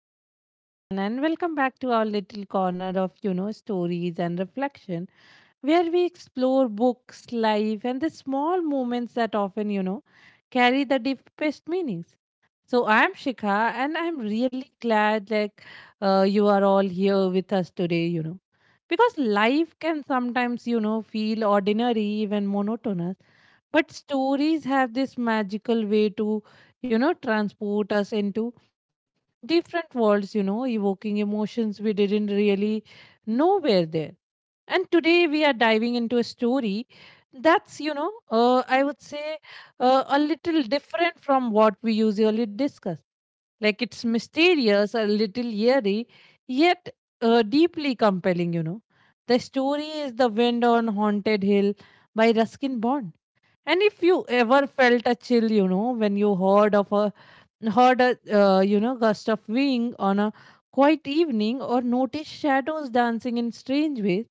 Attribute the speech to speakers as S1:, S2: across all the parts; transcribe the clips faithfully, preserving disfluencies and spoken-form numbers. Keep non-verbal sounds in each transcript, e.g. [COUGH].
S1: Hello, everyone, and welcome back to our little corner of, you know, stories and reflection, where we explore books, life, and the small moments that often, you know, carry the deepest meanings. So I'm Shikha, and I'm really glad like uh, you are all here with us today, you know, because life can sometimes, you know, feel ordinary, even monotonous, but stories have this magical way to, you know, transport us into different worlds, you know, evoking emotions we didn't really know were there. And today we are diving into a story that's, you know, uh, I would say uh, a little different from what we usually discuss. Like it's mysterious, a little eerie, yet uh, deeply compelling, you know. The story is The Wind on Haunted Hill by Ruskin Bond. And if you ever felt a chill, you know, when you heard of a heard a uh, you know, gust of wind on a quiet evening, or noticed shadows dancing in strange ways,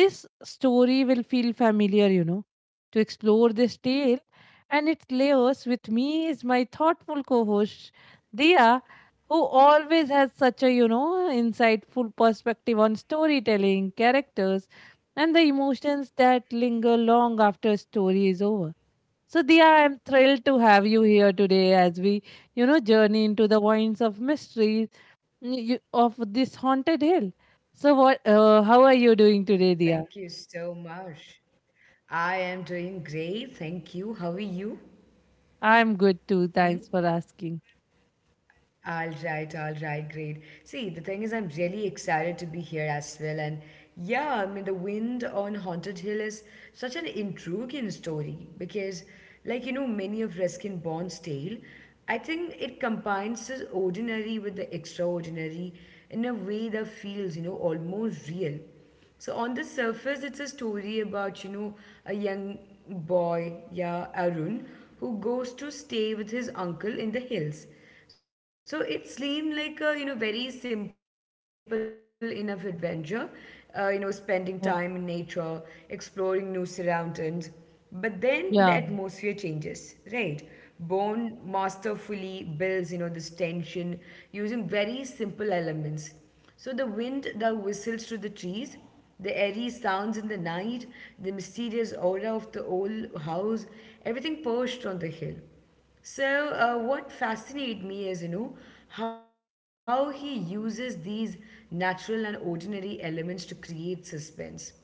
S1: this story will feel familiar, you know. To explore this tale and its layers with me is my thoughtful co-host Dia, who always has such a, you know, insightful perspective on storytelling, characters, and the emotions that linger long after a story is over. So, Dia, I'm thrilled to have you here today as we, you know, journey into the winds of mystery mm, you- of this haunted hill. So, what? Uh, how are you doing today,
S2: Thank
S1: Dia?
S2: you so much. I am doing great. Thank you. How are you?
S1: I'm good too. Thanks for asking.
S2: All right, all right, great. See, the thing is, I'm really excited to be here as well. And yeah, I mean, the wind on Haunted Hill is such an intriguing story because, like, you know, many of Ruskin Bond's tale, I think it combines the ordinary with the extraordinary in a way that feels, you know, almost real. So on the surface, it's a story about you know a young boy, yeah, Arun, who goes to stay with his uncle in the hills. So it seemed like a you know very simple enough adventure, uh, you know, spending time in nature,
S1: Uh,
S2: exploring new surroundings. But then the atmosphere
S1: Yeah,
S2: changes, right? Bone masterfully builds, you know, this tension using very simple elements. So the wind that whistles through the trees, the airy sounds in the night, the mysterious aura of the old house, everything perched on the hill. So, uh, what fascinated me is, you know, how he uses these natural and ordinary elements to create suspense.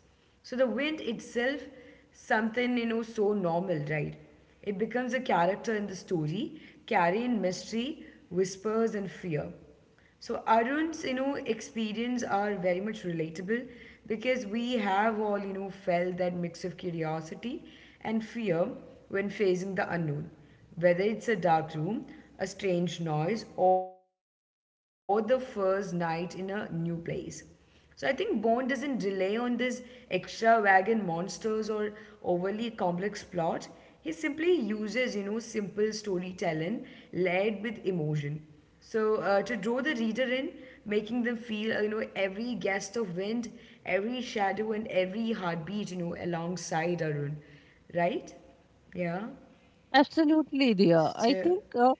S2: So the wind itself, something you know so normal, right? It becomes a character in the story, carrying mystery, whispers, and fear. So Arun's, you know, experience are very much relatable because we have all, you know, felt that mix of curiosity and fear when facing the unknown, whether it's a dark room, a strange noise, or the first night in a new place. So I think Bond doesn't rely on this extra wagon monsters or overly complex plot. He simply uses, you know, simple storytelling layered with emotion. So uh, to draw the reader in, making them feel, uh, you know, every gust of wind, every shadow, and every heartbeat, you know, alongside Arun, right? Yeah.
S1: absolutely, dear. I think
S2: So
S1: uh,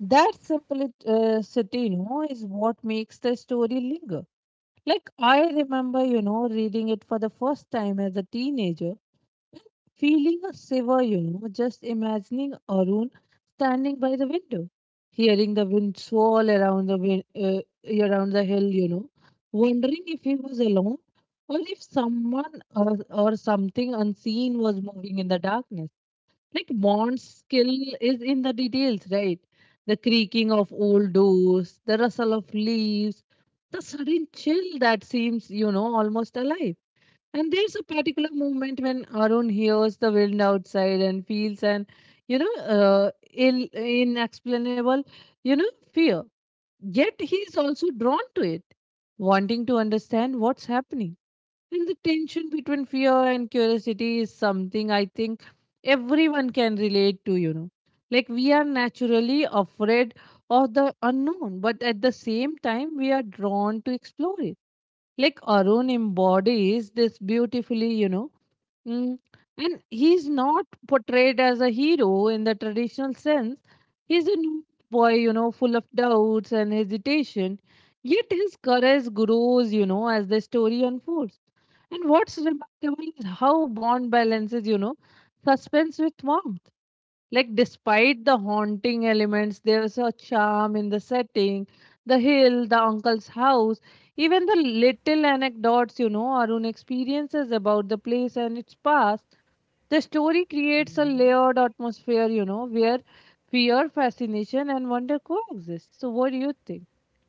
S1: that simplicity, you know, is what makes the story linger. Like, I remember, you know, reading it for the first time as a teenager, feeling a shiver, you know, just imagining Arun standing by the window, hearing the wind swirl around the wind, uh, around the hill, you know, wondering if he was alone, or if someone or, or something unseen was moving in the darkness. Like Bond's skill is in the details, right? The creaking of old doors, the rustle of leaves, the sudden chill that seems, you know, almost alive. And there's a particular moment when Arun hears the wind outside and feels an, you know, uh, Ill, inexplainable, you know, fear. Yet he's also drawn to it, wanting to understand what's happening. And the tension between fear and curiosity is something I think everyone can relate to, you know. Like, we are naturally afraid of the unknown, but at the same time, we are drawn to explore it, like Arun embodies this beautifully, you know. Mm. And he's not portrayed as a hero in the traditional sense. He's a new boy, you know, full of doubts and hesitation. Yet his courage grows, you know, as the story unfolds. And what's remarkable is how Bond balances, you know, suspense with warmth. Like, despite the haunting elements, there's a charm in the setting, the hill, the uncle's house, even the little anecdotes, you know, Arun experiences about the place and its past. The story creates a layered atmosphere, you know, where fear, fascination, and wonder coexist. So, what do you think?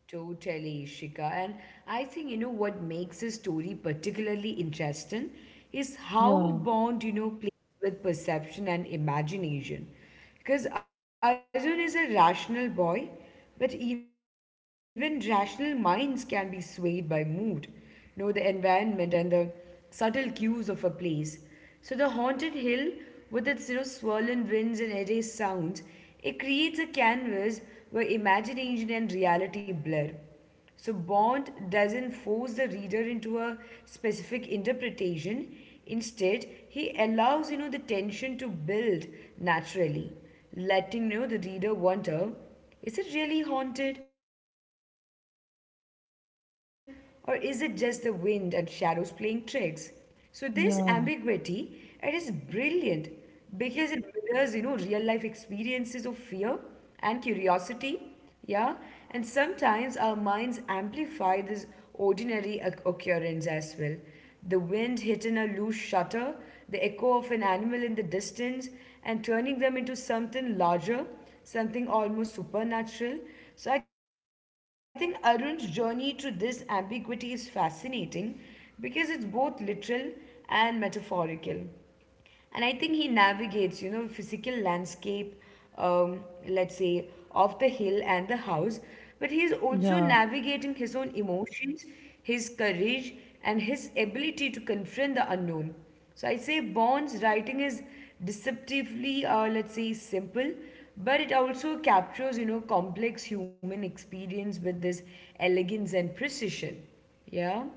S2: Totally, Ishika. And I think, you know, what makes this story particularly interesting is
S1: Yeah,
S2: how Bond, you know, plays with perception and imagination. Because Arjun is a rational boy, but even rational minds can be swayed by mood, you know, the environment and the subtle cues of a place. So the haunted hill, with its, you know, swirling winds and eerie sounds, it creates a canvas where imagination and reality blur. So, Bond doesn't force the reader into a specific interpretation. Instead, he allows you know the tension to build naturally, letting you know the reader wonder: is it really haunted, or is it just the wind and shadows playing tricks? So this ambiguity, it is
S1: yeah,
S2: brilliant because it mirrors, you know, real life experiences of fear and curiosity. Yeah, and sometimes our minds amplify this ordinary oc- occurrence as well. The wind hitting a loose shutter, the echo of an animal in the distance, and turning them into something larger, something almost supernatural. So I think Arun's journey to this ambiguity is fascinating because it's both literal and metaphorical. And I think he navigates, you know, physical landscape, um, let's say, of the hill and the house, but he is also
S1: yeah.
S2: navigating his own emotions, his courage, and his ability to confront the unknown. So I say Bond's writing is deceptively, uh, let's say, simple, but it also captures, you know, complex human experience with this elegance and precision. Yeah.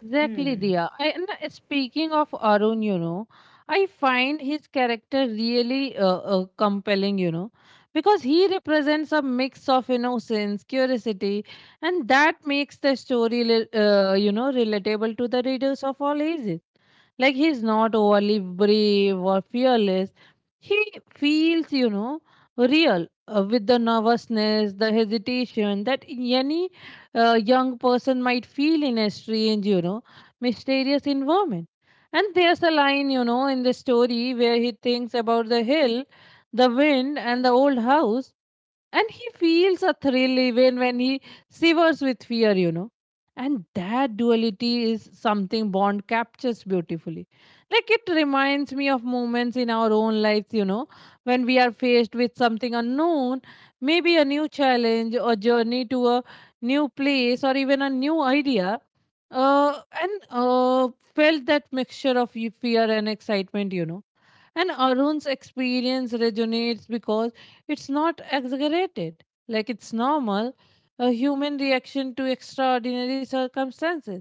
S1: Exactly, Dia. I, and uh, speaking of Arun, you know, I find his character really uh, uh, compelling, you know, because he represents a mix of innocence, curiosity, and that makes the story, li- uh, you know, relatable to the readers of all ages. Like, he's not overly brave or fearless. He feels, you know, real, uh, with the nervousness, the hesitation that any a young person might feel in a strange, you know, mysterious environment. And there's a line, you know, in the story where he thinks about the hill, the wind, and the old house, and he feels a thrill even when he shivers with fear, you know. And that duality is something Bond captures beautifully. Like, it reminds me of moments in our own lives, you know, when we are faced with something unknown, maybe a new challenge, or journey to a new place, or even a new idea. Uh, and uh, felt that mixture of y- fear and excitement, you know, and Arun's experience resonates because it's not exaggerated. Like, it's normal, a human reaction to extraordinary circumstances.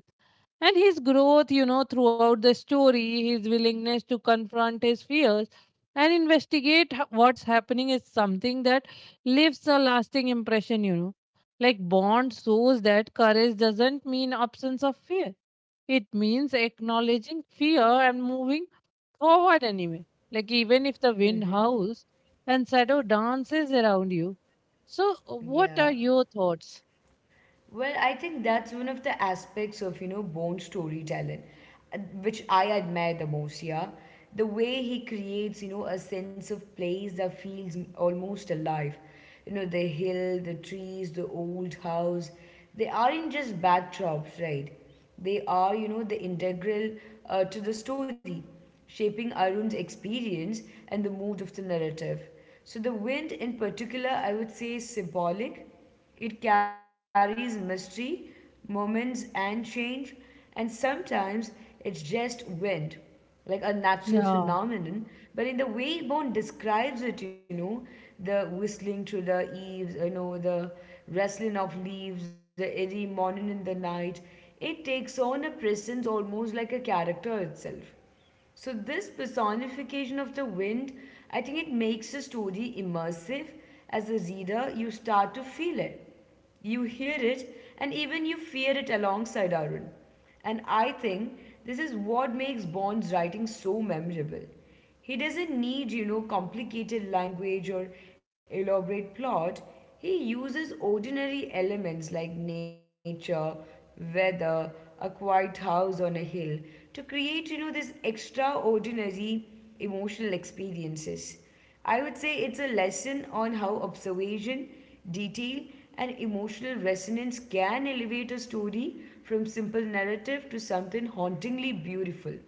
S1: And his growth, you know, throughout the story, his willingness to confront his fears and investigate h- what's happening is something that leaves a lasting impression, you know. Like, Bond shows that courage doesn't mean absence of fear, it means acknowledging fear and moving forward anyway. Like, even if the wind howls and shadow dances around you. So, what are
S2: Yeah.
S1: your thoughts?
S2: Well, I think that's one of the aspects of, you know, Bond's storytelling, uh, which I admire the most, yeah. The way he creates, you know, a sense of place that feels m- almost alive. You know, the hill, the trees, the old house, they aren't just backdrops, right? They are, you know, the integral uh, to the story, shaping Arun's experience and the mood of the narrative. So the wind in particular, I would say, is symbolic. It carries mystery, moments, and change, and sometimes it's just wind, like a natural
S1: Yeah,
S2: phenomenon. But in the way Bond describes it, you know, the whistling through the eaves, you know, the rustling of leaves, the eerie morning in the night, it takes on a presence almost like a character itself. So this personification of the wind, I think it makes the story immersive. As a reader, you start to feel it. You hear it and even you fear it alongside Arun. And I think this is what makes Bond's writing so memorable. He doesn't need, you know, complicated language or elaborate plot. He uses ordinary elements like nature, weather, a quiet house on a hill to create, you know, this extraordinary emotional experiences. I would say it's a lesson on how observation, detail, and emotional resonance can elevate a story from simple narrative to something hauntingly beautiful.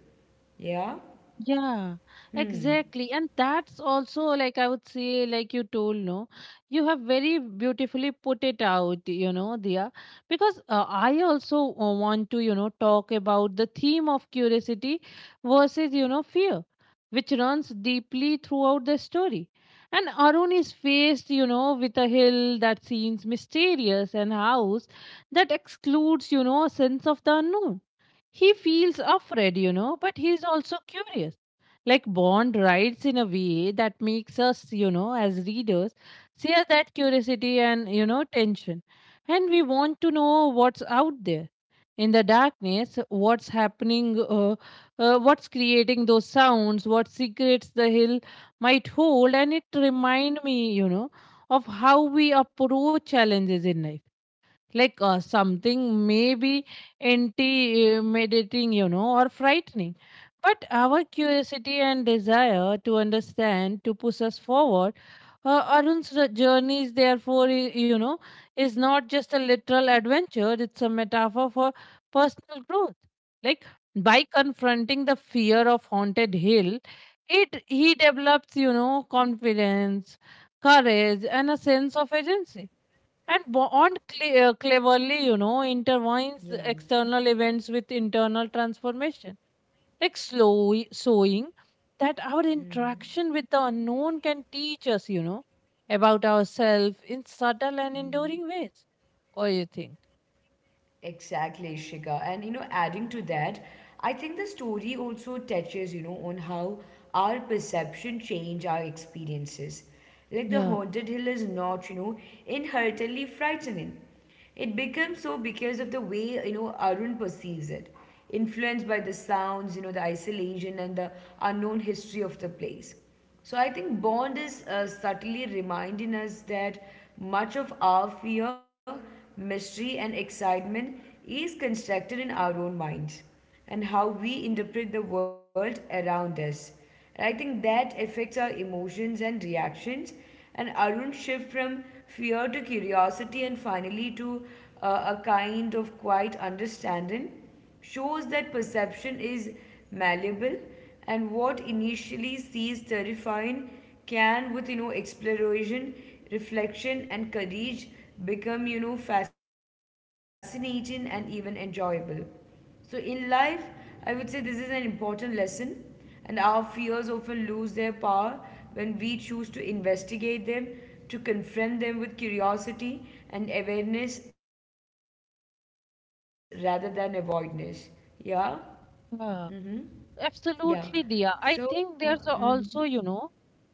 S2: Yeah?
S1: yeah, exactly. And that's also, like I would say, like you told, no, you have very beautifully put it out, you know, Dia. Because uh, I also uh, want to, you know, talk about the theme of curiosity versus, you know, fear, which runs deeply throughout the story. And Arun is faced, you know, with a hill that seems mysterious, and house that excludes, you know, a sense of the unknown. He feels afraid, you know, but he's also curious. Like, Bond writes in a way that makes us, you know, as readers, share that curiosity and, you know, tension. And we want to know what's out there in the darkness, what's happening, uh, uh, what's creating those sounds, what secrets the hill might hold. And it remind me, you know, of how we approach challenges in life, like uh, something maybe intimidating, you know, or frightening. But our curiosity and desire to understand, to push us forward, uh, Arun's r- journey is therefore, i- you know, is not just a literal adventure, it's a metaphor for personal growth. Like, by confronting the fear of haunted hill, it he develops, you know, confidence, courage, and a sense of agency, and Bond cle- uh,
S2: Yeah.
S1: cleverly, you know, intertwines external events with internal transformation, like slow sowing that our interaction with the unknown can teach us, you know, about ourselves in subtle and enduring ways. What do you think?
S2: Exactly, Shika. And you know, adding to that, I think the story also touches, you know, on how our perception change our experiences. Like the
S1: Yeah,
S2: haunted hill is not, you know, inherently frightening. It becomes so because of the way, you know, Arun perceives it, influenced by the sounds, you know, the isolation and the unknown history of the place. So I think Bond is uh, subtly reminding us that much of our fear, mystery, and excitement is constructed in our own minds and how we interpret the world around us. And I think that affects our emotions and reactions. And Arun shift from fear to curiosity and finally to uh, a kind of quiet understanding shows that perception is malleable and what initially seems terrifying can with you know exploration, reflection, and courage become you know fascinating and even enjoyable. So in life, I would say this is an important lesson, and our fears often lose their power when we choose to investigate them, to confront them with curiosity and awareness rather than avoidance. Yeah. Mm-hmm.
S1: yeah,
S2: Yeah. So, yeah.
S1: absolutely, Dia. I
S2: Mm-hmm,
S1: think there's a- also, you know,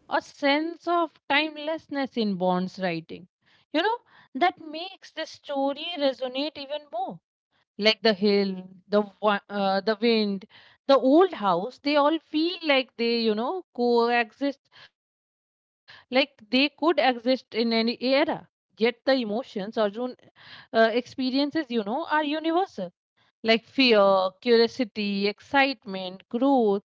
S1: a sense of timelessness in Bond's writing, you know, that makes the story resonate even more. Like the hill, the wa- uh, the wind, the old house, they all feel like they, you know, coexist, like they could exist in any era. Yet the emotions Arjun uh, experiences, you know, are universal, like fear, curiosity, excitement, growth.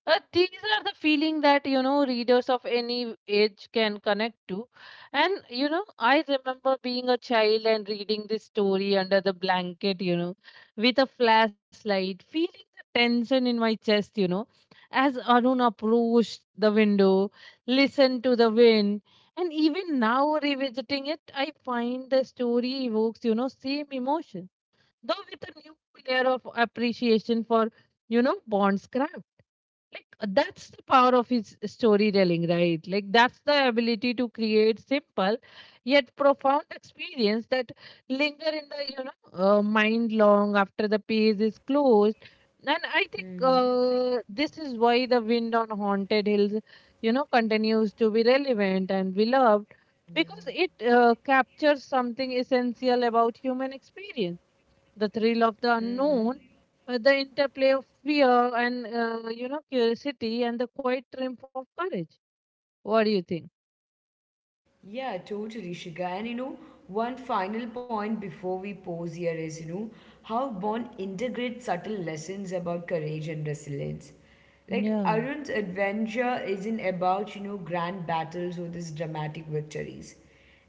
S1: Uh, these are the feeling that, you know, readers of any age can connect to. And, you know, I remember being a child and reading this story under the blanket, you know, with a flashlight, feeling the tension in my chest, you know, as Arun approached the window, listened to the wind. And even now, revisiting it, I find the story evokes, you know, same emotion, though with a new layer of appreciation for, you know, Bond's craft. Like uh, that's the power of his storytelling, right? Like, that's the ability to create simple yet profound experience that linger in the, you know, uh, mind long after the page is closed. And I think
S2: hmm,
S1: uh, this is why The Wind on Haunted Hills, you know, continues to be relevant and beloved, because
S2: yeah.
S1: it uh, captures something essential about human experience, the thrill of the unknown, uh, the interplay of fear and, uh, you know, curiosity, and the quiet triumph of courage. What do you think?
S2: Yeah, totally, Shika. And you know, one final point before we pause here is, you know, how Bond integrates subtle lessons about courage and resilience. Like,
S1: Yeah.
S2: Arun's adventure isn't about, you know, grand battles or these dramatic victories.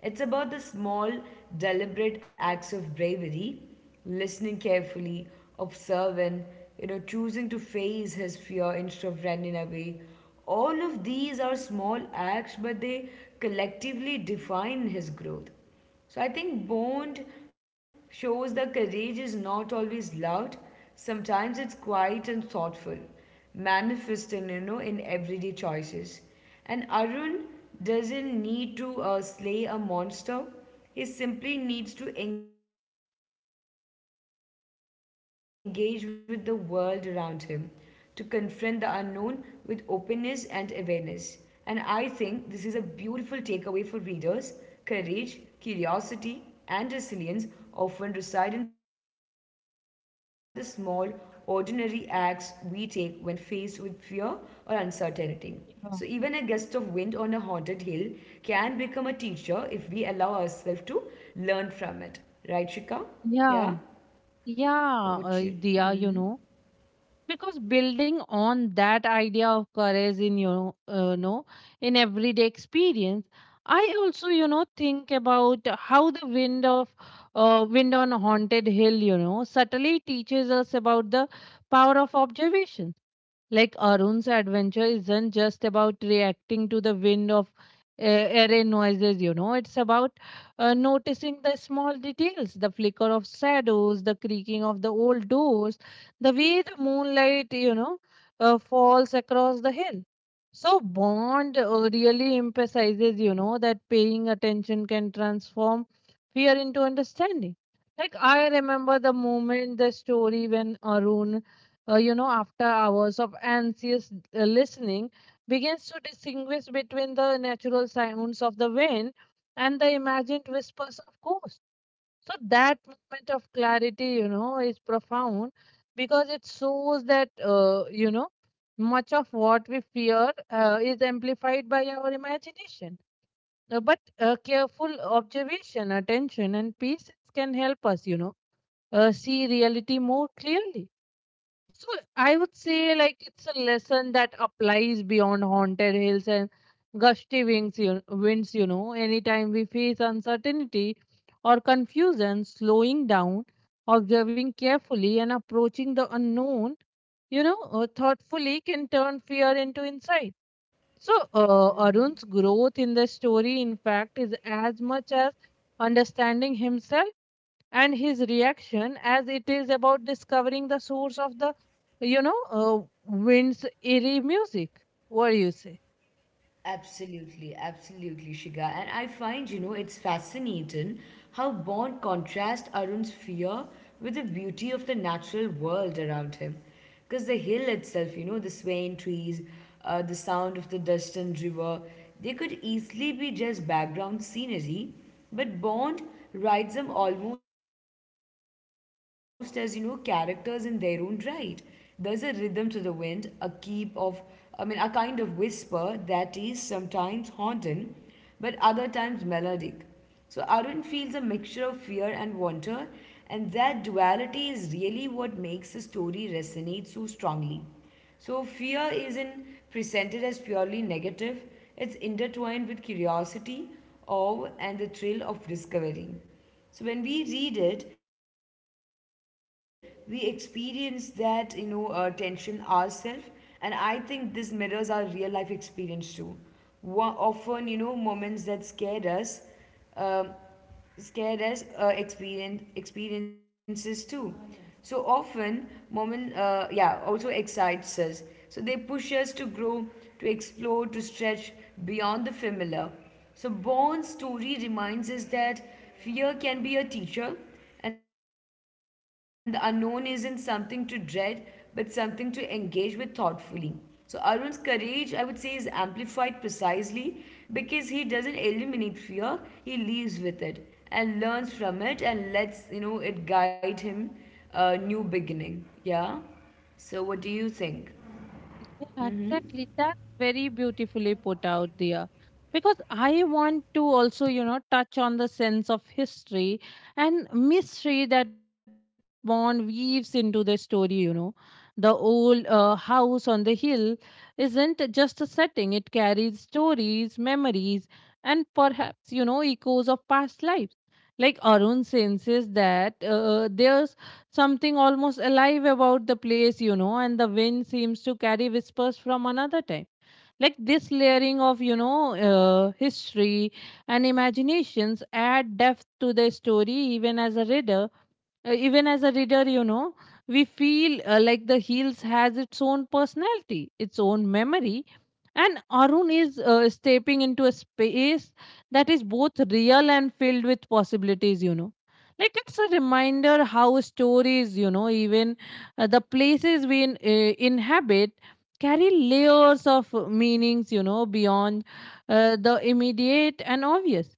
S2: It's about the small, deliberate acts of bravery, listening carefully, observing, you know, choosing to face his fear instead of running away. All of these are small acts, but they collectively define his growth. So I think Bond shows that courage is not always loud. Sometimes it's quiet and thoughtful, manifesting, you know, in everyday choices. And Arun doesn't need to uh, slay a monster. He simply needs to engage with the world around him, to confront the unknown with openness and awareness. And I think this is a beautiful takeaway for readers. Courage, curiosity, and resilience often reside in the small, ordinary acts we take when faced with fear or uncertainty. So, even a gust of wind on a haunted
S1: Uh,
S2: hill can become a teacher if we allow ourselves to learn from it. Right, Shika? Yeah?
S1: Yeah.
S2: What you
S1: Yeah, uh, Diya, you know, because building on that idea of courage in your, uh, know, in everyday experience, I also, you know, think about how the wind of, uh, wind on haunted hill, you know, subtly teaches us about the power of observation. Like, Arun's adventure isn't just about reacting to the wind of uh, array noises, you know, it's about uh, noticing the small details, the flicker of shadows, the creaking of the old doors, the way the moonlight, you know, uh, falls across the hill. So, Bond uh, really emphasizes, you know, that paying attention can transform fear into understanding. Like, I remember the moment, the story when Arun, uh, you know, after hours of anxious uh, listening, begins to distinguish between the natural sounds of the wind and the imagined whispers of ghosts. So that moment of clarity, you know, is profound because it shows that, uh, you know, much of what we fear uh, is amplified by our imagination. Uh, but uh, careful observation, attention, and patience can help us, you know, uh, see reality more clearly. So, I would say, like, it's a lesson that applies beyond haunted hills and gusty wings, you, winds, you know. Anytime we face uncertainty or confusion, slowing down, observing carefully, and approaching the unknown, you know, uh, thoughtfully, can turn fear into insight. So uh, Arun's growth in the story, in fact, is as much as understanding himself and his reaction as it is about discovering the source of the you know uh, wind's eerie music. What do you say?
S2: Absolutely, absolutely, Shiga. And I find, you know, it's fascinating how Bond contrasts Arun's fear with the beauty of the natural world around him. Because the hill itself, you know, the swaying trees, uh, the sound of the distant river, they could easily be just background scenery, but Bond writes them almost as, you know, characters in their own right. There's a rhythm to the wind, a keep of, I mean, a kind of whisper that is sometimes haunting, but other times melodic. So Arun feels a mixture of fear and wonder, and that duality is really what makes the story resonate so strongly. So fear isn't presented as purely negative, it's intertwined with curiosity, awe, and the thrill of discovery. So when we read it, we experience that you know uh, tension ourselves, and I think this mirrors our real life experience too. Wa- often, you know, moments that scare us, um, scare us uh, experience experiences too. So often, moment, uh, yeah, also excites us. So they push us to grow, to explore, to stretch beyond the familiar. So, Bourne's story reminds us that fear can be a teacher, and the unknown isn't something to dread, but something to engage with thoughtfully. So, Arun's courage, I would say, is amplified precisely because he doesn't eliminate fear, he lives with it and learns from it and lets you know it guide him a new beginning. Yeah, so what do you think?
S1: Yeah, exactly. That's very beautifully put out there. Because I want to also, you know, touch on the sense of history and mystery that Bond weaves into the story, you know. The old uh, house on the hill isn't just a setting, it carries stories, memories, and perhaps, you know, echoes of past lives. Like Arun senses that uh, their something almost alive about the place, you know, and the wind seems to carry whispers from another time. Like this layering of, you know, uh, history and imaginations add depth to the story, even as a reader uh, even as a reader you know we feel uh, like the heels has its own personality, its own memory, and Arun is uh, stepping into a space that is both real and filled with possibilities you know Like it's a reminder how stories, you know even uh, the places we in, uh, inhabit carry layers of meanings you know beyond uh, the immediate and obvious.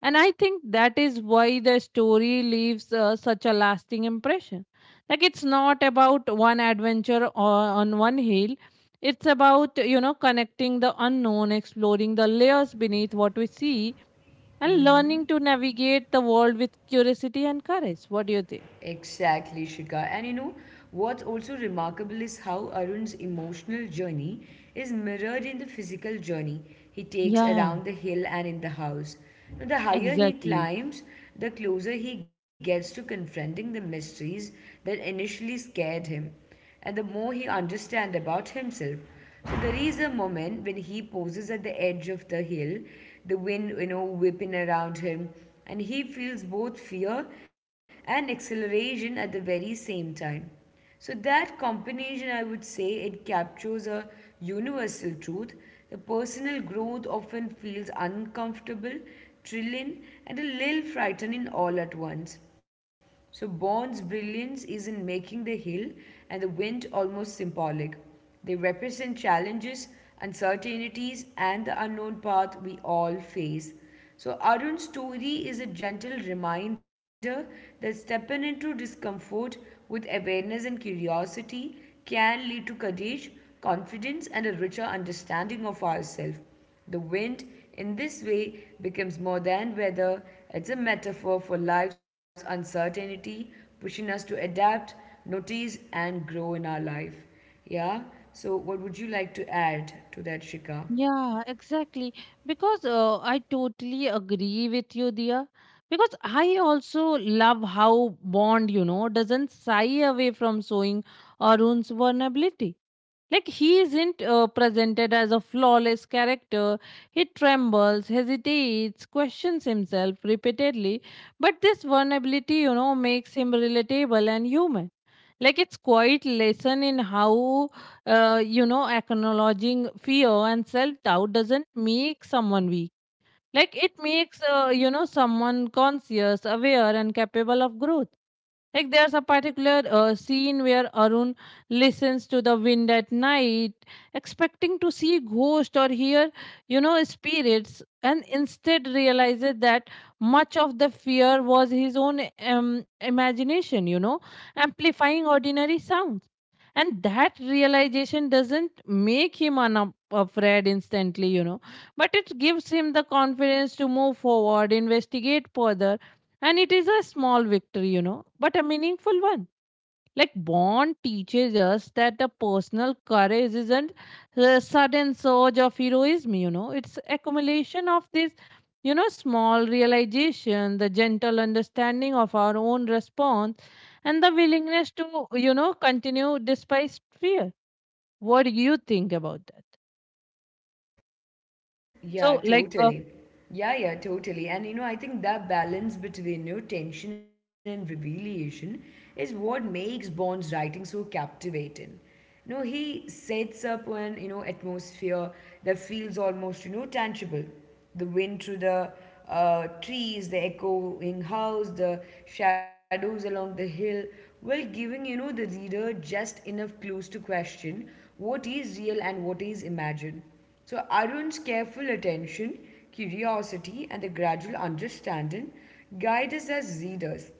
S1: And I think that is why the story leaves uh, such a lasting impression. Like it's not about one adventure o- on one hill. It's about, you know, connecting the unknown, exploring the layers beneath what we see, and learning to navigate the world with curiosity and courage. What do you think?
S2: Exactly, Shikha. And you know, what's also remarkable is how Arun's emotional journey is mirrored in the physical journey he takes
S1: Yeah,
S2: around the hill and in the house. Now, the higher he
S1: exactly.
S2: climbs, the closer he gets to confronting the mysteries that initially scared him and the more he understands about himself. So there is a moment when he pauses at the edge of the hill, the wind, you know, whipping around him, and he feels both fear and exhilaration at the very same time. So that combination, I would say, it captures a universal truth. The personal growth often feels uncomfortable, thrilling, and a little frightening all at once. So Bond's brilliance is in making the hill and the wind almost symbolic. They represent challenges, uncertainties, and the unknown path we all face. So Arun's story is a gentle reminder that stepping into discomfort with awareness and curiosity can lead to courage, confidence, and a richer understanding of ourselves. The wind, in this way, becomes more than weather, it's a metaphor for life's uncertainty, pushing us to adapt, notice, and grow in our life. Yeah, so what would you like to add to that, Shika?
S1: Yeah, exactly. Because uh, I totally agree with you, dear. Because I also love how Bond, you know, doesn't shy away from showing Arun's vulnerability. Like he isn't uh, presented as a flawless character. He trembles, hesitates, questions himself repeatedly. But this vulnerability, you know, makes him relatable and human. Like it's quite lesson in how, uh, you know, acknowledging fear and self doubt doesn't make someone weak. Like it makes, uh, you know, someone conscious, aware, and capable of growth. Like there's a particular uh, scene where Arun listens to the wind at night, expecting to see ghost or hear, you know, spirits, and instead realizes that much of the fear was his own um, imagination, you know, amplifying ordinary sounds. And that realization doesn't make him un- afraid instantly, you know, but it gives him the confidence to move forward, investigate further, and it is a small victory, you know, but a meaningful one. Like Bond teaches us that the personal courage isn't a sudden surge of heroism, you know, it's accumulation of this, you know, small realization, the gentle understanding of our own response, and the willingness to, you know, continue despite fear. What do you think about that?
S2: Yeah,
S1: So, like, uh,
S2: totally. Yeah, yeah, totally. And you know, I think that balance between you know, tension and revelation is what makes Bond's writing so captivating. You know, he sets up an you know atmosphere that feels almost you know tangible. The wind through the uh, trees, the echoing house, the shadows along the hill, while giving you know the reader just enough clues to question what is real and what is imagined. So, Arun's careful attention, curiosity, and the gradual understanding guide us as readers.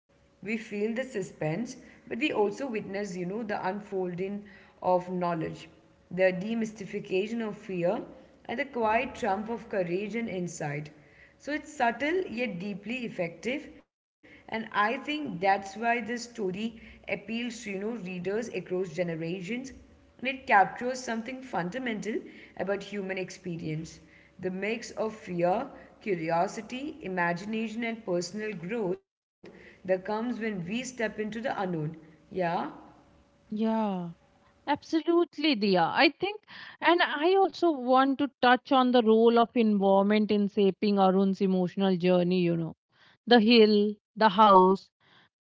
S2: We feel the suspense, but we also witness, you know, the unfolding of knowledge, the demystification of fear, and the quiet triumph of courage and insight. So it's subtle yet deeply effective, and I think that's why this story appeals to you know readers across generations. And it captures something fundamental about human experience, the mix of fear, curiosity, imagination, and personal growth that comes when we step into the unknown. Yeah?
S1: yeah. Absolutely, Diya. I think, and I also want to touch on the role of environment in shaping Arun's emotional journey, you know, the hill, the house,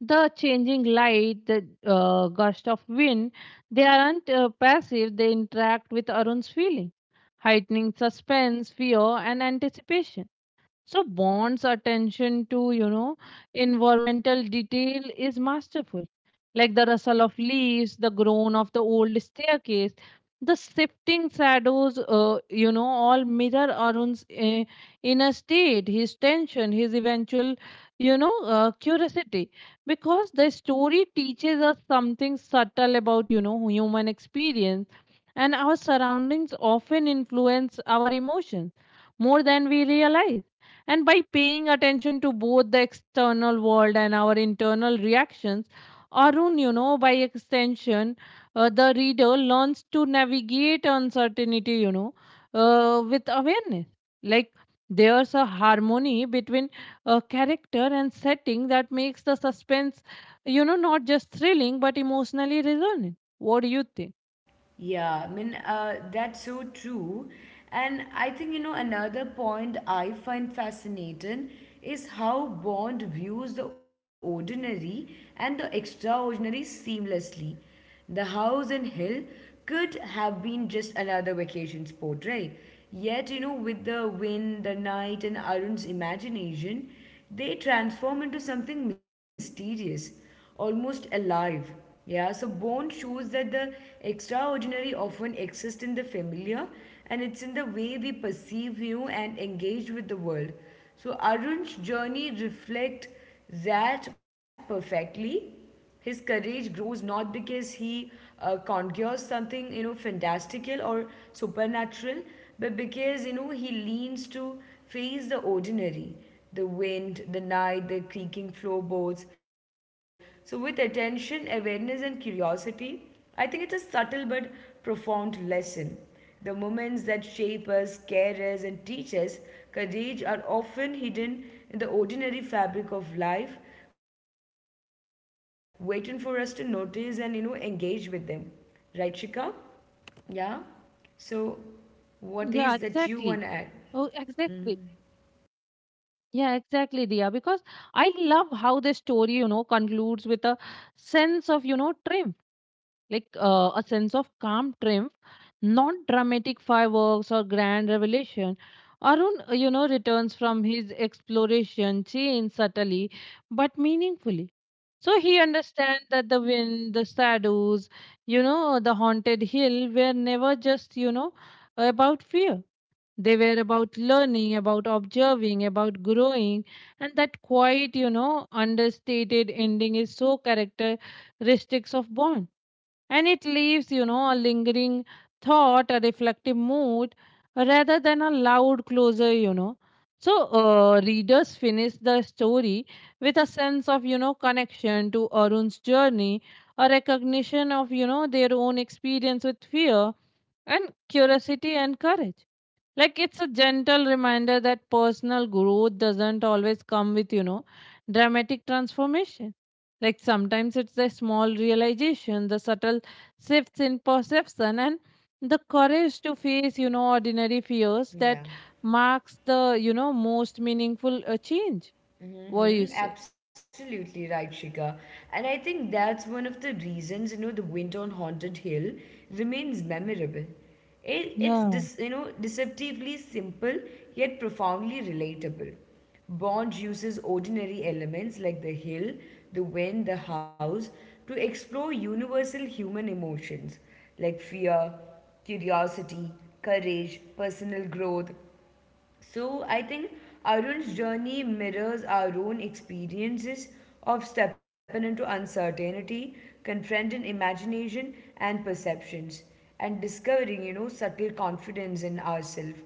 S1: the changing light, the uh, gust of wind, they aren't uh, passive, they interact with Arun's feeling, heightening suspense, fear, and anticipation. So Bond's attention to, you know, environmental detail is masterful. Like the rustle of leaves, the groan of the old staircase, the shifting shadows, uh, you know, all mirror Arun's uh, inner state, his tension, his eventual, you know, uh, curiosity. Because the story teaches us something subtle about, you know, human experience, and our surroundings often influence our emotions more than we realize, and by paying attention to both the external world and our internal reactions, Arun, you know, by extension, uh, the reader learns to navigate uncertainty, you know, uh, with awareness. Like there's a harmony between uh, character and setting that makes the suspense, you know, not just thrilling but emotionally resonant. What do you think?
S2: Yeah, I mean, uh, that's so true. And I think, you know, another point I find fascinating is how Bond views the ordinary and the extraordinary seamlessly. The house in Hill could have been just another vacation spot, right? Yet, you know, with the wind, the night, and Arun's imagination, they transform into something mysterious, almost alive. Yeah, so Bone shows that the extraordinary often exists in the familiar, and it's in the way we perceive you and engage with the world. So Arun's journey reflects that perfectly. His courage grows not because he uh, conjures something, you know, fantastical or supernatural, but because, you know, he leans to face the ordinary, the wind, the night, the creaking floorboards. So, with attention, awareness, and curiosity, I think it's a subtle but profound lesson. The moments that shape us, care us, and teach us courage are often hidden in the ordinary fabric of life, waiting for us to notice and you know engage with them. Right, Shika? Yeah.
S1: Yeah,
S2: So,
S1: exactly.
S2: what is
S1: Oh,
S2: that you want to
S1: exactly.
S2: add?
S1: Yeah, exactly, Dia. Because I love how this story, you know, concludes with a sense of, you know, triumph, like uh, a sense of calm triumph, not dramatic fireworks or grand revelation. Arun, uh, you know, returns from his exploration, changed subtly but meaningfully. So he understands that the wind, the shadows, you know, the haunted hill were never just, you know, about fear. They were about learning, about observing, about growing, and that quiet, you know, understated ending is so characteristic of Bond. And it leaves, you know, a lingering thought, a reflective mood, rather than a loud closure, you know. So, uh, readers finish the story with a sense of, you know, connection to Arun's journey, a recognition of, you know, their own experience with fear and curiosity and courage. Like it's a gentle reminder that personal growth doesn't always come with, you know, dramatic transformation. Like sometimes it's the small realization, the subtle shifts in perception, and the courage to face, you know, ordinary fears that
S2: Yeah.
S1: marks the, you know, most meaningful uh, change. What do you say?
S2: Mm-hmm. Absolutely right, Shika. And I think that's one of the reasons, you know, the Winter on Haunted Hill remains memorable. It, it's
S1: Yeah.
S2: dis, you know deceptively simple yet profoundly relatable. Bond uses ordinary elements like the hill, the wind, the house to explore universal human emotions like fear, curiosity, courage, personal growth. So I think Arun's journey mirrors our own experiences of stepping into uncertainty, confronting imagination and perceptions, and discovering, you know, subtle confidence in ourselves.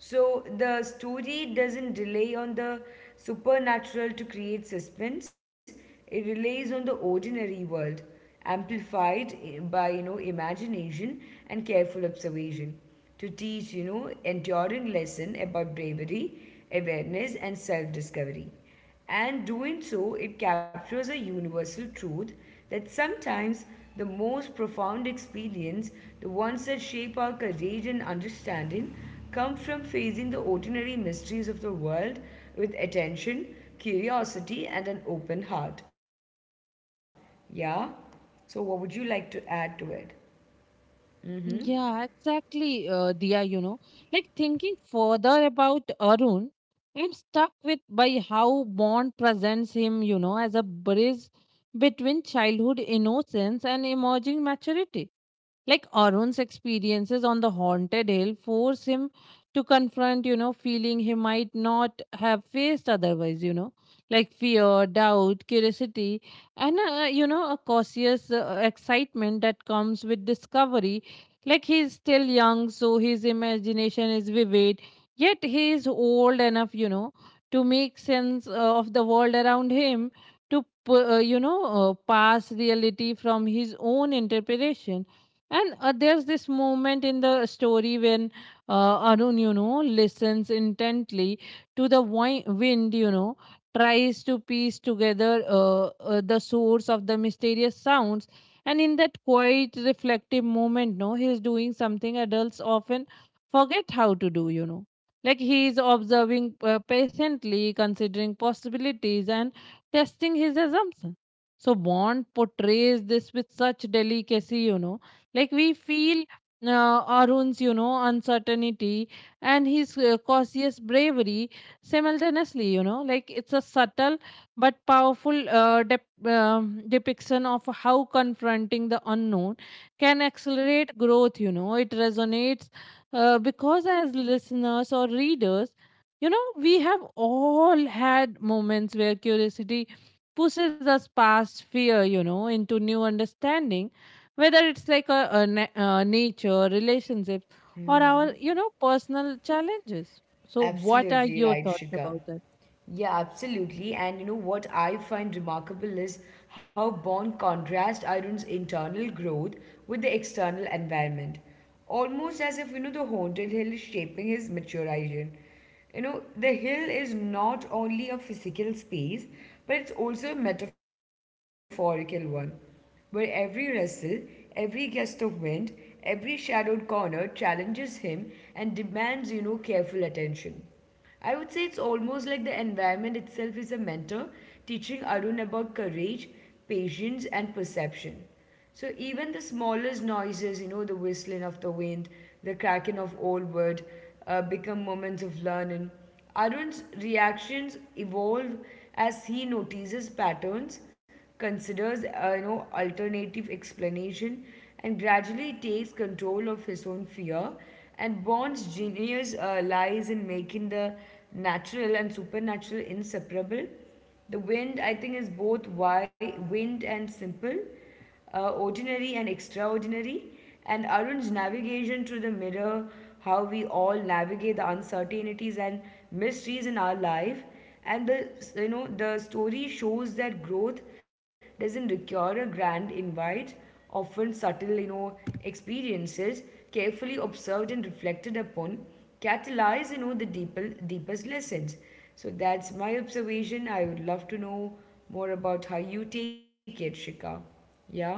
S2: So the story doesn't rely on the supernatural to create suspense. It relies on the ordinary world, amplified eh, by you know imagination and careful observation to teach, you know, enduring lesson about bravery, awareness and self-discovery. And doing so, it captures a universal truth that sometimes the most profound experience, the ones that shape our courage and understanding, come from facing the ordinary mysteries of the world with attention, curiosity, and an open heart. Yeah? So, what would you like to add to it?
S1: Yeah, exactly, uh, Diya, you know. Like thinking further about Arun, I'm stuck with by how Bond presents him, you know, as a bridge between childhood innocence and emerging maturity. Like Arun's experiences on the haunted hill force him to confront, you know, feeling he might not have faced otherwise, you know, like fear, doubt, curiosity, and, uh, uh, you know, a cautious uh, excitement that comes with discovery. Like he's still young, so his imagination is vivid, yet he is old enough, you know, to make sense uh, of the world around him, to, pu- uh, you know, uh, pass reality from his own interpretation. And uh, there's this moment in the story when uh, Arun, you know, listens intently to the wi- wind, you know, tries to piece together uh, uh, the source of the mysterious sounds. And in that quiet, reflective moment, no, he's doing something adults often forget how to do, you know. Like he is observing uh, patiently, considering possibilities and testing his assumption. So Bond portrays this with such delicacy, you know like we feel uh, Arun's, you know, uncertainty and his uh, cautious bravery simultaneously, you know, like it's a subtle but powerful uh, dep- um, depiction of how confronting the unknown can accelerate growth. You know, it resonates uh, because as listeners or readers, you know, we have all had moments where curiosity pushes us past fear, you know, into new understanding, whether it's like a, a na- uh, nature relationships or our you know personal challenges. So what are
S2: Absolutely
S1: your
S2: right,
S1: thoughts about
S2: Shika.
S1: that?
S2: Yeah, absolutely. And you know what I find remarkable is how Bond contrasts Iron's internal growth with the external environment. Almost as if, you know, the haunted hill is shaping his maturation. You know, the hill is not only a physical space, but it's also a metaphorical one where every rustle, every gust of wind, every shadowed corner challenges him and demands, you know, careful attention. I would say it's almost like the environment itself is a mentor teaching Arun about courage, patience, and perception. So even the smallest noises, you know, the whistling of the wind, the cracking of old wood, uh, become moments of learning. Arun's reactions evolve as he notices patterns, considers, uh, you know, alternative explanation, and gradually takes control of his own fear. And Bond's genius uh, lies in making the natural and supernatural inseparable, the wind, I think, is both wide, wind and simple, uh, ordinary and extraordinary. And Arun's navigation through the mirror, how we all navigate the uncertainties and mysteries in our life. And the you know the story shows that growth doesn't require a grand invite, often subtle you know experiences carefully observed and reflected upon catalyze you know the deeper, deepest lessons. So that's my observation. I would love to know more about how you take it, Shika. Yeah?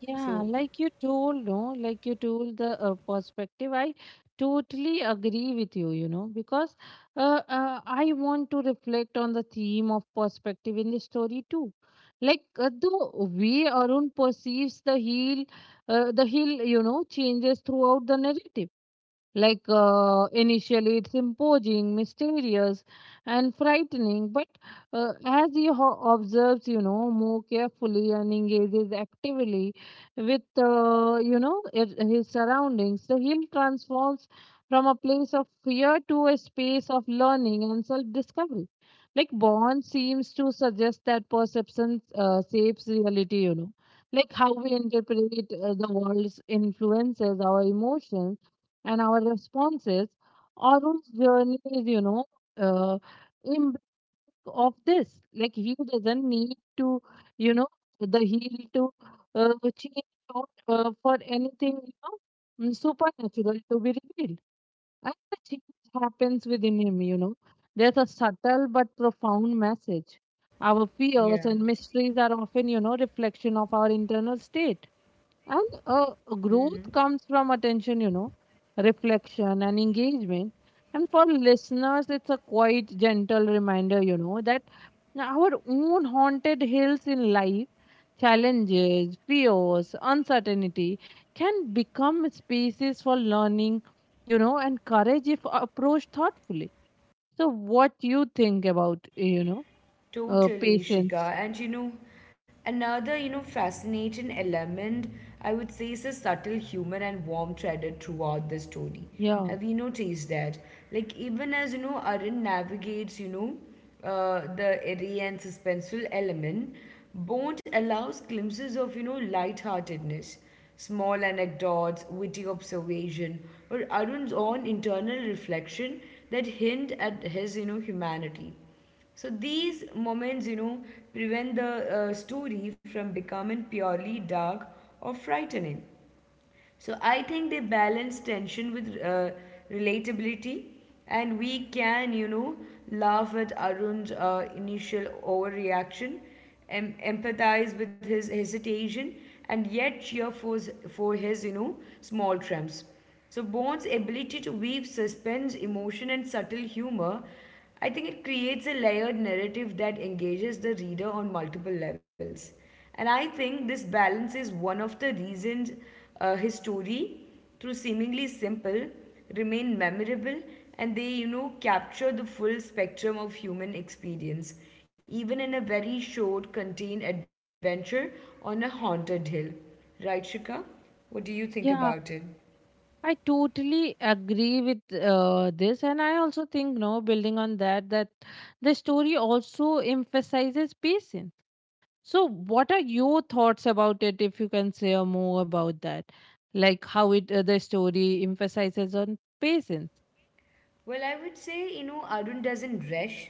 S1: Yeah,
S2: So,
S1: like you told, no, like you told the uh, perspective. I totally agree with you, you know, because uh, uh, I want to reflect on the theme of perspective in the story too. Like uh, the way Arun perceives the heel, uh, the heel, you know, changes throughout the narrative. Like uh, initially, it's imposing, mysterious, and frightening. But uh, as he ho- observes, you know, more carefully and engages actively with, uh, you know, it, his surroundings, the hill transforms from a place of fear to a space of learning and self-discovery. Like Bond seems to suggest that perception uh, shapes reality. You know, like how we interpret uh, the world's influences our emotions and our responses. Arun's journey is, you know uh, in of this. Like he doesn't need to, you know the heel to uh, change out uh, for anything, you know mm, supernatural to be revealed, and the change happens within him you know There's a subtle but profound message. Our
S2: yeah.
S1: fears and mysteries are often, you know reflection of our internal state, and uh, growth comes from attention, you know, reflection and engagement. And for listeners, it's a quite gentle reminder, you know, that our own haunted hills in life, challenges, fears, uncertainty can become spaces for learning, you know, and courage if approached thoughtfully. So, what you think about, you know, uh,
S2: Totally,
S1: patience?
S2: Shika. And you know, another, you know, fascinating element, I would say, is the subtle humor and warm threaded throughout the story.
S1: Yeah,
S2: Have you noticed that? Like, even as, you know, Arun navigates, you know, uh, the eerie and suspenseful element, Bond allows glimpses of, you know, lightheartedness, small anecdotes, witty observation, or Arun's own internal reflection that hint at his, you know, humanity. So these moments, you know, prevent the uh, story from becoming purely dark or frightening. So I think they balance tension with uh, relatability, and we can, you know, laugh at Arun's uh, initial overreaction, em- empathize with his hesitation, and yet cheer for, s- for his, you know, small triumphs. So Bond's ability to weave suspense, emotion, and subtle humor, I think it creates a layered narrative that engages the reader on multiple levels. And I think this balance is one of the reasons uh, his story, through seemingly simple, remain memorable and they, you know, capture the full spectrum of human experience, even in a very short, contained adventure on a haunted hill. Right, Shika? What do you think
S1: yeah.
S2: about it?
S1: I totally agree with uh, this, and I also think, no, building on that, that the story also emphasizes patience. So, what are your thoughts about it? If you can say more about that, like how it uh, the story emphasizes on patience.
S2: Well, I would say, you know, Arun doesn't rush.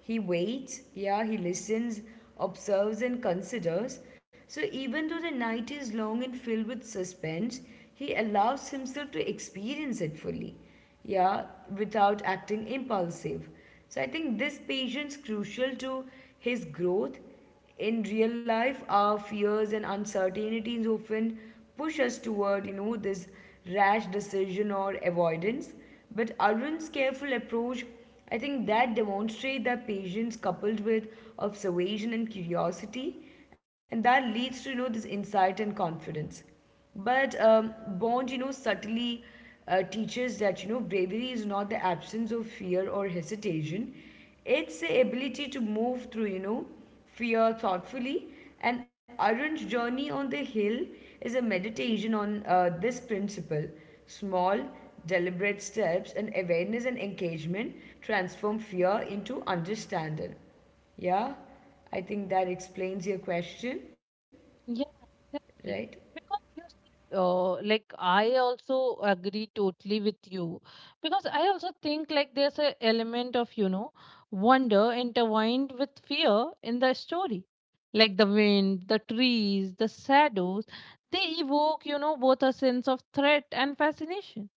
S2: He waits, yeah, he listens, observes, and considers. So, even though the night is long and filled with suspense, he allows himself to experience it fully, yeah, without acting impulsive. So, I think this patience crucial to his growth. In real life, our fears and uncertainties often push us toward, you know, this rash decision or avoidance. But Arun's careful approach, I think that demonstrates that patience coupled with observation and curiosity, and that leads to you know this insight and confidence. But um, Bond, you know, subtly uh, teaches that you know bravery is not the absence of fear or hesitation; it's the ability to move through you know fear thoughtfully. An Arun's journey on the hill is a meditation on uh, this principle. Small, deliberate steps and awareness and engagement transform fear into understanding. Yeah, I think that explains your question,
S1: Yeah,
S2: right?
S1: exactly. Because you see, uh, like I also agree totally with you. Because I also think like there's an element of, you know, wonder intertwined with fear in the story. Like the wind, the trees, the shadows, they evoke, you know, both a sense of threat and fascination.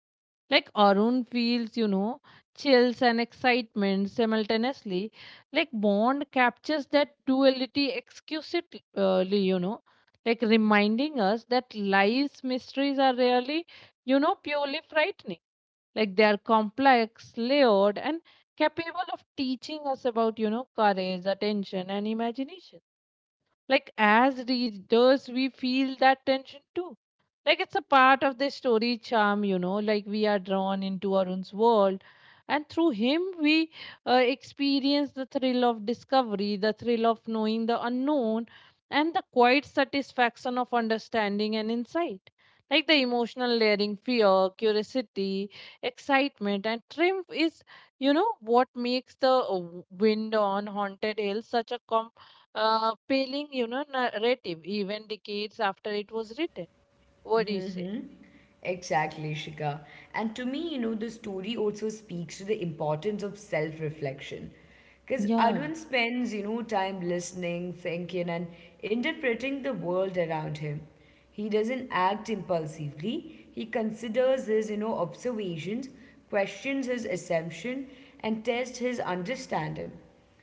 S1: Like Arun feels, you know, chills and excitement simultaneously. Like Bond captures that duality exquisitely, you know, like reminding us that life's mysteries are really, you know, purely frightening. Like they are complex, layered, and capable of teaching us about, you know, courage, attention, and imagination. Like, as readers, we feel that tension too. Like, it's a part of the story charm, you know, like we are drawn into our own world, and through him we uh, experience the thrill of discovery, the thrill of knowing the unknown, and the quiet satisfaction of understanding and insight. Like the emotional layering, fear, curiosity, excitement, and triumph is, you know what makes the uh, Wind on Haunted Hill such a com- uh, paling, you know narrative, even decades after it was written. What do you say?
S2: Exactly, Shika. And to me, you know, the story also speaks to the importance of self reflection. Because
S1: Yeah.
S2: Arun spends, you know, time listening, thinking, and interpreting the world around him. He doesn't act impulsively, he considers his, you know, observations, questions his assumption, and tests his understanding.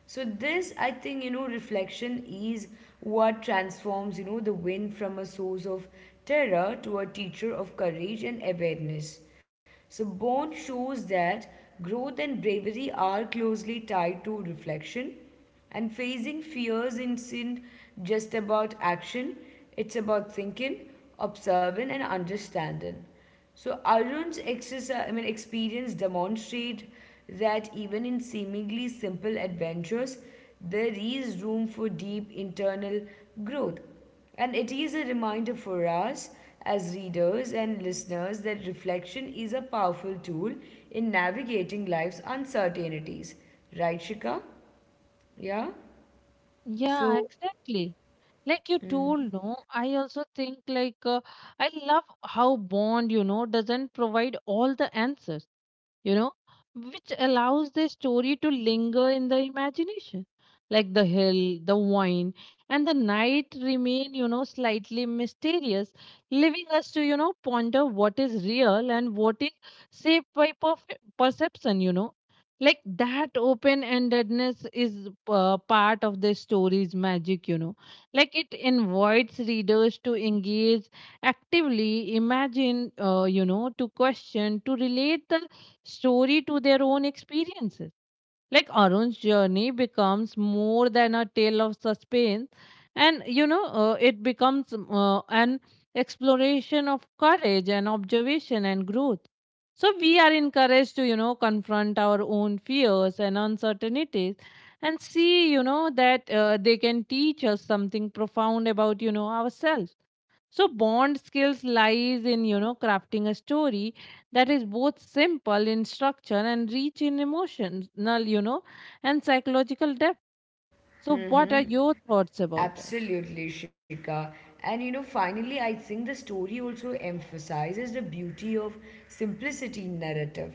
S2: So this, I think, you know, reflection is what transforms, you know, the wind from a source of terror to a teacher of courage and awareness. So Bond shows that growth and bravery are closely tied to reflection, and facing fears isn't just about action, it's about thinking, observing, and understanding. So Arun's exercise, I mean, experience demonstrate that even in seemingly simple adventures, there is room for deep internal growth. And it is a reminder for us as readers and listeners that reflection is a powerful tool in navigating life's uncertainties. Right, Shika? Yeah?
S1: yeah
S2: So,
S1: exactly like you told no I also think like uh, I love how Bond you know doesn't provide all the answers, you know, which allows the story to linger in the imagination. Like the hill, the wine, and the night remain, you know, slightly mysterious, leaving us to, you know, ponder what is real and what is shaped by perf- perception, you know. Like that open endedness is uh, part of the story's magic, you know. Like it invites readers to engage actively, imagine, uh, you know, to question, to relate the story to their own experiences. Like Arun's journey becomes more than a tale of suspense, and you know, uh, it becomes uh, an exploration of courage and observation and growth. So we are encouraged to, you know, confront our own fears and uncertainties and see, you know, that uh, they can teach us something profound about, you know, ourselves. So Bond skills lies in, you know, crafting a story that is both simple in structure and rich in emotional, you know, and psychological depth. So what are your thoughts about that?
S2: absolutely, Shika. And you know, finally, I think the story also emphasizes the beauty of simplicity in narrative.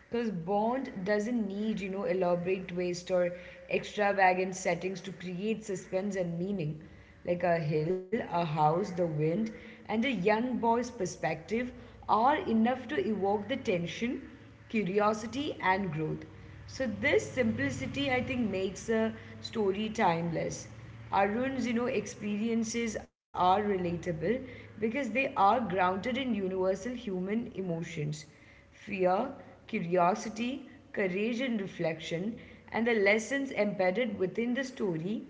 S2: Because Bond doesn't need, you know, elaborate twist or extravagant settings to create suspense and meaning. Like a hill, a house, the wind, and a young boy's perspective are enough to evoke the tension, curiosity, and growth. So, this simplicity, I think, makes a story timeless. Arun's, you know, experiences are relatable because they are grounded in universal human emotions, fear, curiosity, courage, and reflection, and the lessons embedded within the story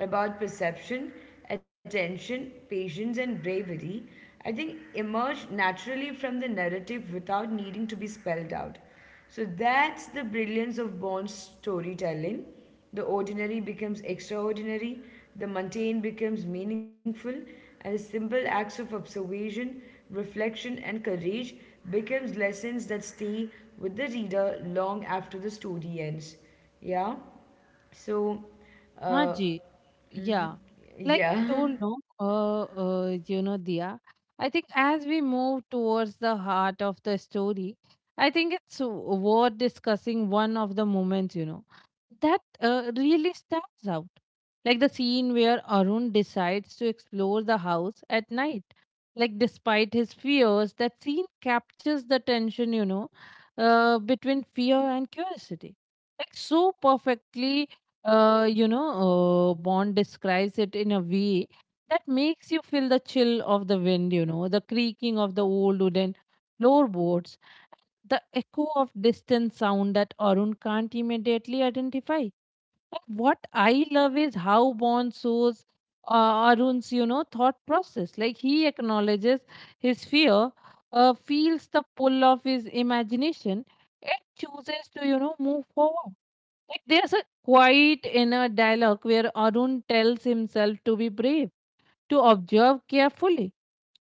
S2: about perception, attention, patience, and bravery, I think emerge naturally from the narrative without needing to be spelled out. So that's the brilliance of Bond's storytelling, the ordinary becomes extraordinary, the mundane becomes meaningful, and the simple acts of observation, reflection, and courage becomes lessons that stay with the reader long after the story ends. Yeah. So, uh,
S1: Haji, yeah. Like I
S2: yeah. [LAUGHS]
S1: told no, uh, uh, you know, Dia, I think as we move towards the heart of the story, I think it's worth discussing one of the moments, you know that uh, really stands out. Like the scene where Arun decides to explore the house at night. Like, despite his fears, that scene captures the tension, you know, uh, between fear and curiosity. Like, so perfectly, uh, you know, uh, Bond describes it in a way that makes you feel the chill of the wind, you know, the creaking of the old wooden floorboards, the echo of distant sound that Arun can't immediately identify. What I love is how Bond shows uh, Arun's, you know, thought process. Like he acknowledges his fear, uh, feels the pull of his imagination, and chooses to, you know, move forward. Like there's a quiet inner dialogue where Arun tells himself to be brave, to observe carefully,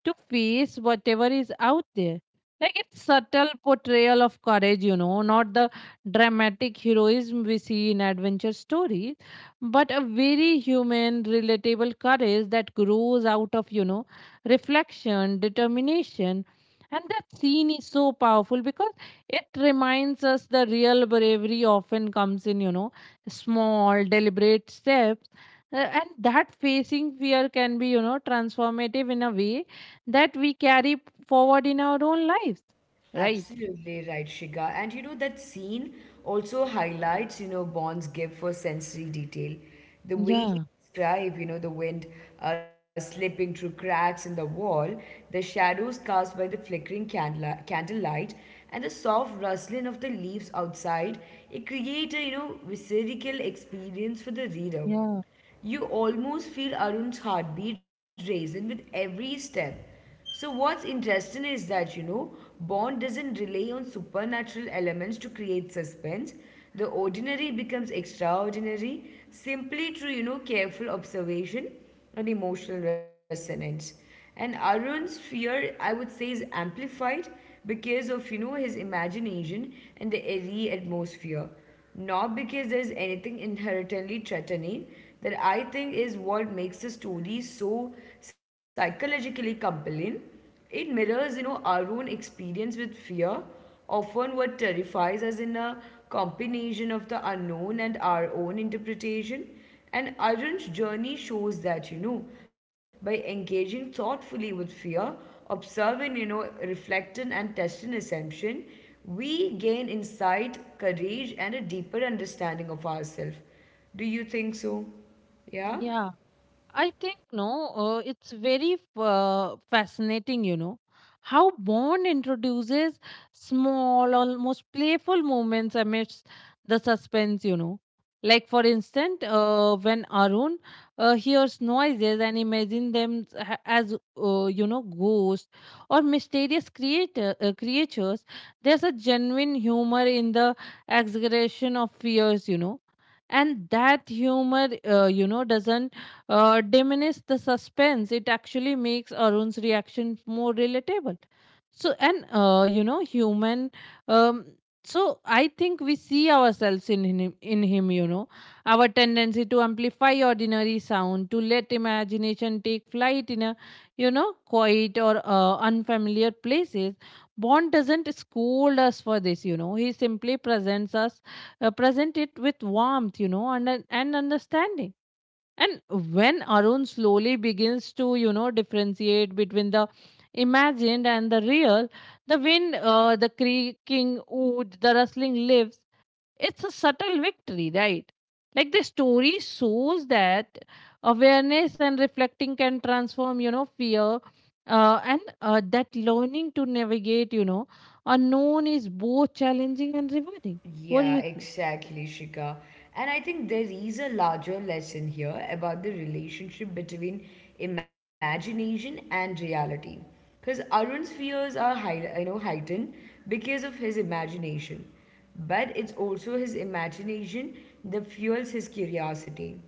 S1: to face whatever is out there. Like it's subtle portrayal of courage, you know, not the dramatic heroism we see in adventure stories, but a very human, relatable courage that grows out of, you know, reflection, determination. And that scene is so powerful because it reminds us the real bravery often comes in, you know, small, deliberate steps uh, and that facing fear can be you know transformative in a way that we carry forward in our own lives, right?
S2: Absolutely right, Shiga. And you know, that scene also highlights, you know, Bond's gift for sensory detail. The way he
S1: Yeah.
S2: describes, you know, the wind uh, slipping through cracks in the wall, the shadows cast by the flickering candla- candlelight, and the soft rustling of the leaves outside, it creates a, you know, visceral experience for the reader.
S1: Yeah.
S2: You almost feel Arun's heartbeat raising with every step. So, what's interesting is that, you know, Bond doesn't rely on supernatural elements to create suspense. The ordinary becomes extraordinary simply through, you know, careful observation and emotional resonance. And Arun's fear, I would say, is amplified because of, you know, his imagination and the airy atmosphere, not because there's anything inherently threatening. That I think is what makes the story so psychologically compelling. It mirrors, you know, our own experience with fear, often what terrifies us in a combination of the unknown and our own interpretation. And Arun's journey shows that, you know, by engaging thoughtfully with fear, observing, you know, reflecting and testing assumption, we gain insight, courage, and a deeper understanding of ourselves. Do you think so? Yeah?
S1: Yeah, I think no, uh, it's very uh, fascinating, you know, how Bond introduces small, almost playful moments amidst the suspense, you know. Like, for instance, uh, when Arun uh, hears noises and imagines them s- ha- as, uh, you know, ghosts or mysterious creator, uh, creatures, there's a genuine humor in the exaggeration of fears, you know. And that humor, uh, you know, doesn't uh, diminish the suspense. It actually makes Arun's reaction more relatable. So, and uh, you know, human. Um, so I think we see ourselves in him, in him. You know, our tendency to amplify ordinary sound, to let imagination take flight in a, you know, quiet or uh, unfamiliar places. Bond doesn't scold us for this. You know, he simply presents us, uh, present it with warmth. You know, and and understanding and when Arun slowly begins to, you know, differentiate between the imagined and the real, the wind, uh, the creaking wood, the rustling leaves, it's a subtle victory, right? Like the story shows that awareness and reflecting can transform, you know, fear. Uh, and uh, that learning to navigate, you know, unknown is both challenging and rewarding. What do
S2: Yeah,
S1: you think?
S2: exactly, Shika. And I think there is a larger lesson here about the relationship between imagination and reality. Because Arun's fears are high, you know, heightened because of his imagination. But it's also his imagination that fuels his curiosity.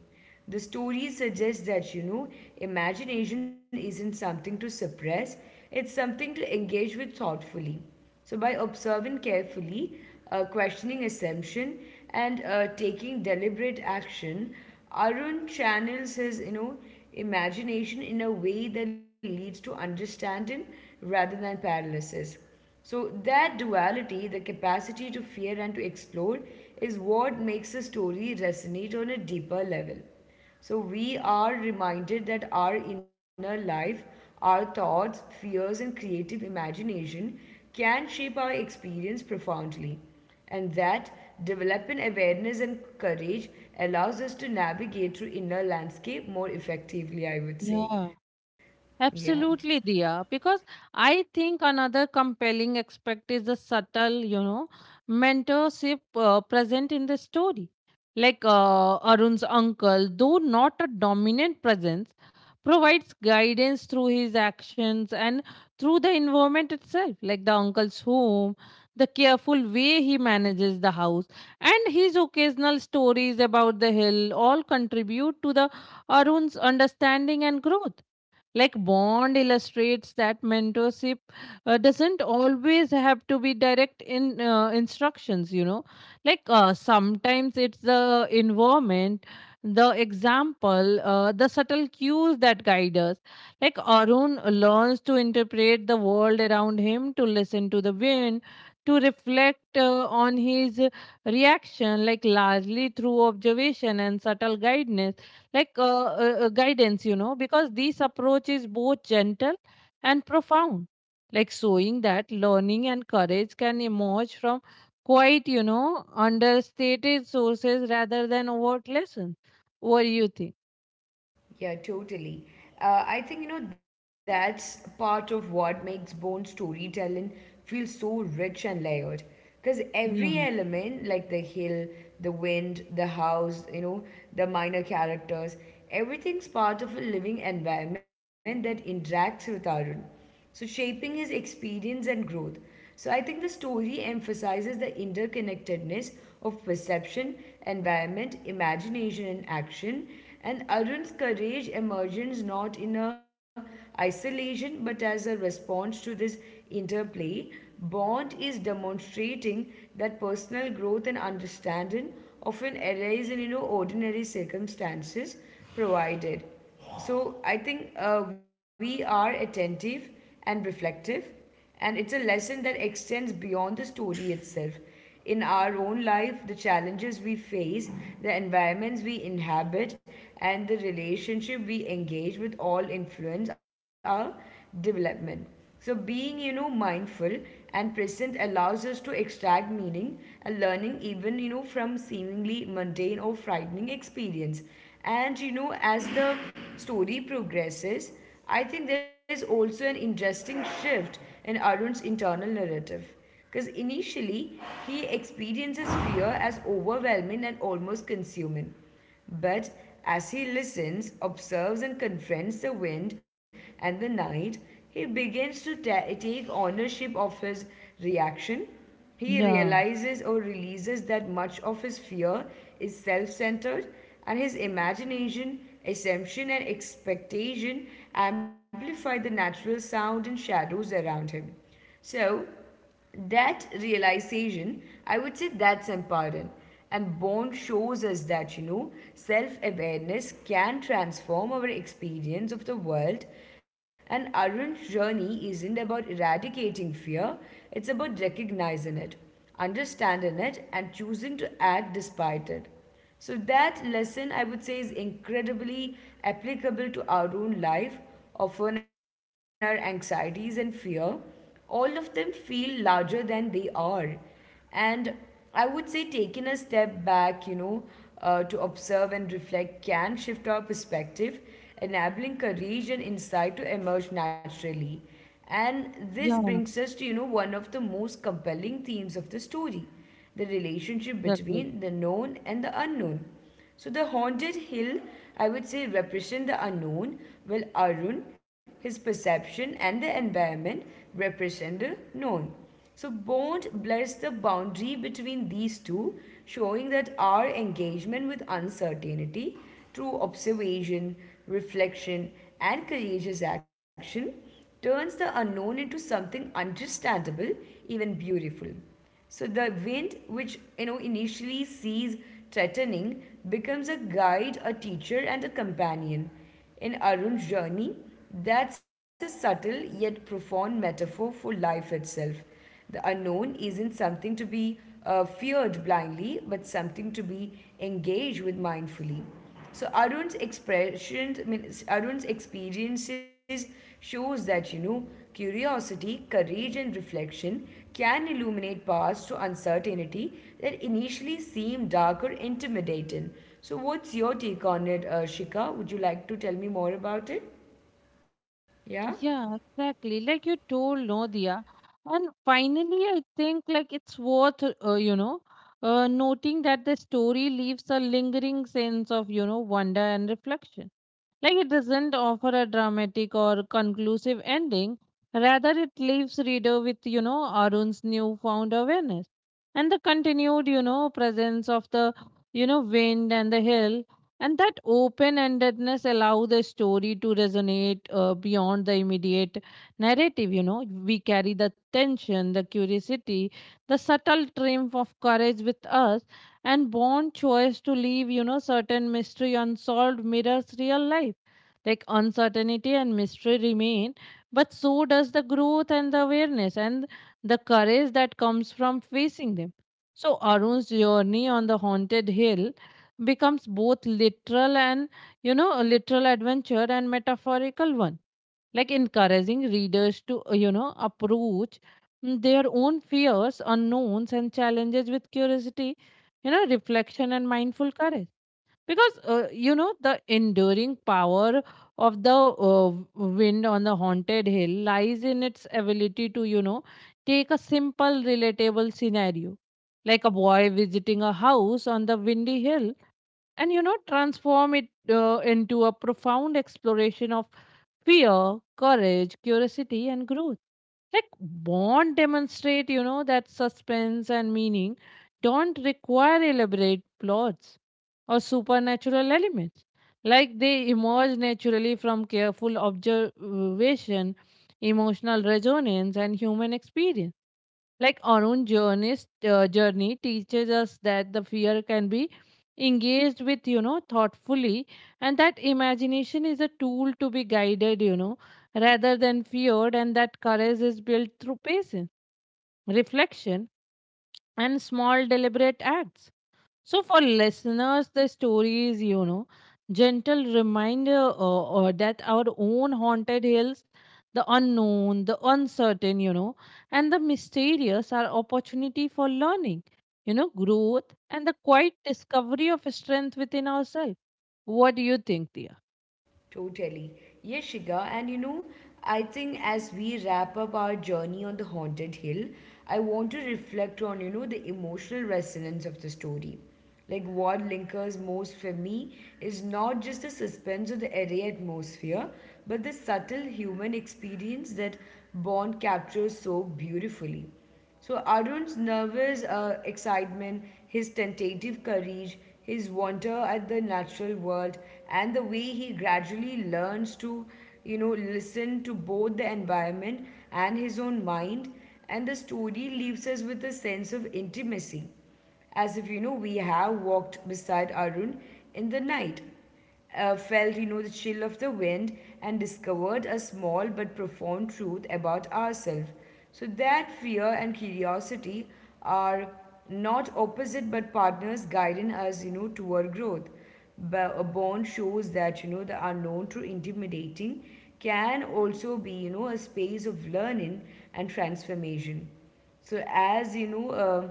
S2: The story suggests that, you know, imagination isn't something to suppress, it's something to engage with thoughtfully. So, by observing carefully, uh, questioning assumption, and uh, taking deliberate action, Arun channels his, you know, imagination in a way that leads to understanding rather than paralysis. So, that duality, the capacity to fear and to explore, is what makes a story resonate on a deeper level. So, we are reminded that our inner life, our thoughts, fears, and creative imagination can shape our experience profoundly, and that developing awareness and courage allows us to navigate through inner landscape more effectively, I would say.
S1: Yeah.
S2: Yeah.
S1: Absolutely, Diya. Because I think another compelling aspect is the subtle, you know, mentorship uh, present in the story. Like uh, Arun's uncle, though not a dominant presence, provides guidance through his actions and through the environment itself, like the uncle's home, the careful way he manages the house, and his occasional stories about the hill all contribute to the Arun's understanding and growth. Like Bond illustrates that mentorship uh, doesn't always have to be direct in uh, instructions, you know. Like uh, sometimes it's the environment, the example, uh, the subtle cues that guide us. Like Arun learns to interpret the world around him, to listen to the wind, to reflect uh, on his reaction, like largely through observation and subtle guidance like uh, uh, uh, guidance, you know because this approach is both gentle and profound, like showing that learning and courage can emerge from quite, you know understated sources rather than overt lessons. What do you think?
S2: Yeah, totally. Uh, I think, you know, that's part of what makes Bone storytelling feel so rich and layered. Because every
S1: Yeah.
S2: element, like the hill, the wind, the house, you know, the minor characters, everything's part of a living environment that interacts with our own, so shaping his experience and growth. So I think the story emphasizes the interconnectedness of perception, environment, imagination, and action. And Arun's courage emerges not in a isolation but as a response to this interplay. Bond is demonstrating that personal growth and understanding often arise in, you know, ordinary circumstances provided. So I think uh, we are attentive and reflective, and it's a lesson that extends beyond the story itself. In our own life, the challenges we face, the environments we inhabit, and the relationship we engage with all influence our development. So being, you know, mindful and present allows us to extract meaning and learning even, you know, from seemingly mundane or frightening experience. And you know, as the story progresses, I think there is also an interesting shift in Arun's internal narrative. Because initially, he experiences fear as overwhelming and almost consuming. But as he listens, observes, and confronts the wind and the night, he begins to ta- take ownership of his reaction. He
S1: Yeah.
S2: realizes or releases that much of his fear is self centered, and his imagination, assumption, and expectation amplify the natural sound and shadows around him. So, that realization, I would say, that's empowering. And Bond shows us that, you know, self awareness can transform our experience of the world. And Arun's journey isn't about eradicating fear, it's about recognizing it, understanding it, and choosing to act despite it. So, that lesson, I would say, is incredibly applicable to our own life. Often, our anxieties and fear, all of them feel larger than they are. And I would say taking a step back, you know, uh, to observe and reflect can shift our perspective, enabling courage and insight to emerge naturally. And this
S1: Yeah,
S2: brings us to, you know, one of the most compelling themes of the story, the relationship
S1: exactly.
S2: between the known and the unknown. So the haunted hill, I would say, represent the unknown, while Arun, his perception and the environment represent the known. So Bond blurs the boundary between these two, showing that our engagement with uncertainty through observation, reflection, and courageous action turns the unknown into something understandable, even beautiful. So the wind, which you know initially sees threatening, becomes a guide, a teacher, and a companion. In Arun's journey, that's a subtle yet profound metaphor for life itself. The unknown isn't something to be uh, feared blindly, but something to be engaged with mindfully. So Arun's expressions, I mean, Arun's experiences shows that, you know, curiosity, courage, and reflection can illuminate paths to uncertainty that initially seem dark or intimidating. So, what's your take on it, uh, Shika? Would you like to tell me more about it? Yeah.
S1: Yeah exactly like you told no, Dia, and finally I think like it's worth uh, you know uh, noting that the story leaves a lingering sense of, you know wonder and reflection. Like it doesn't offer a dramatic or conclusive ending. Rather, it leaves reader with, you know, Arun's newfound awareness and the continued, you know, presence of the, you know, wind and the hill. And that open-endedness allow the story to resonate uh, beyond the immediate narrative. You know, we carry the tension, the curiosity, the subtle triumph of courage with us, and born choice to leave, you know, certain mystery unsolved mirrors real life. Like uncertainty and mystery remain, but so does the growth and the awareness and the courage that comes from facing them. So Arun's journey on the haunted hill becomes both literal and, you know a literal adventure and metaphorical one, like encouraging readers to uh, you know approach mm, their own fears, unknowns and challenges with curiosity, you know reflection and mindful courage. Because uh, you know the enduring power of the uh, wind on the haunted hill lies in its ability to, you know take a simple relatable scenario, like a boy visiting a house on the windy hill, and, you know transform it uh, into a profound exploration of fear, courage, curiosity and growth. Like Bond demonstrate, you know that suspense and meaning don't require elaborate plots or supernatural elements. Like they emerge naturally from careful observation, emotional resonance and human experience. Like our own journeys, uh, journey teaches us that the fear can be engaged with, you know thoughtfully, and that imagination is a tool to be guided, you know rather than feared, and that courage is built through patience, reflection, and small deliberate acts. So, for listeners, the story is, you know, gentle reminder uh, uh, that our own haunted hills, the unknown, the uncertain, you know, and the mysterious are opportunity for learning, you know, growth and the quiet discovery of strength within ourselves. What do you think, dear?
S2: Totally. Yes, Shika. And you know, I think as we wrap up our journey on the haunted hill, I want to reflect on, you know, the emotional resonance of the story. Like what lingers most for me is not just the suspense or the eerie atmosphere, but the subtle human experience that Bond captures so beautifully. So Arun's nervous uh, excitement, his tentative courage, his wonder at the natural world, and the way he gradually learns to, you know, listen to both the environment and his own mind, and the story leaves us with a sense of intimacy, as if you know we have walked beside Arun in the night, uh, felt, you know, the chill of the wind, and discovered a small but profound truth about ourselves, so that fear and curiosity are not opposite but partners guiding us, you know, toward growth. But a bond shows that, you know, the unknown through intimidating can also be, you know, a space of learning and transformation. So, as you know, uh,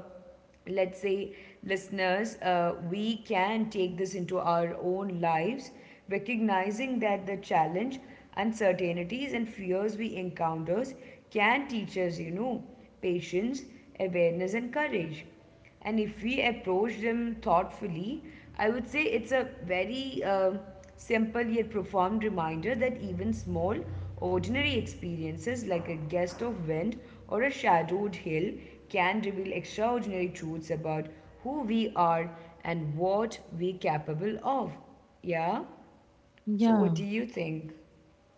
S2: let's say, listeners, uh, we can take this into our own lives, recognizing that the challenge, uncertainties, and fears we encounter can teach us, you know, patience, awareness, and courage. And if we approach them thoughtfully, I would say it's a very uh, simple yet profound reminder that even small, ordinary experiences like a gust of wind or a shadowed hill can reveal extraordinary truths about who we are and what we're capable of. Yeah? So, what do
S1: Yeah.
S2: you think?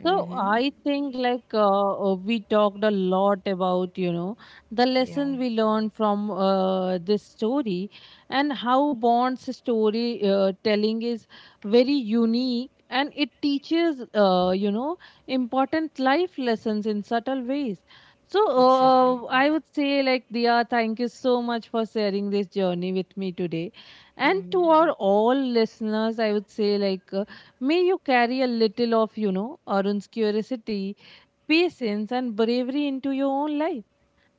S1: So I think like uh, uh, we talked a lot about, you know the
S2: Yeah,
S1: lesson we learned from uh, this story, and how Bond's story uh, telling is very unique and it teaches, uh, you know important life lessons in subtle ways. So
S2: Exactly. exactly.
S1: uh, I would say like Dia, thank you so much for sharing this journey with me today, and to our all listeners, I would say like may you carry a little of, you know, Arun's curiosity, patience, and bravery into your own life.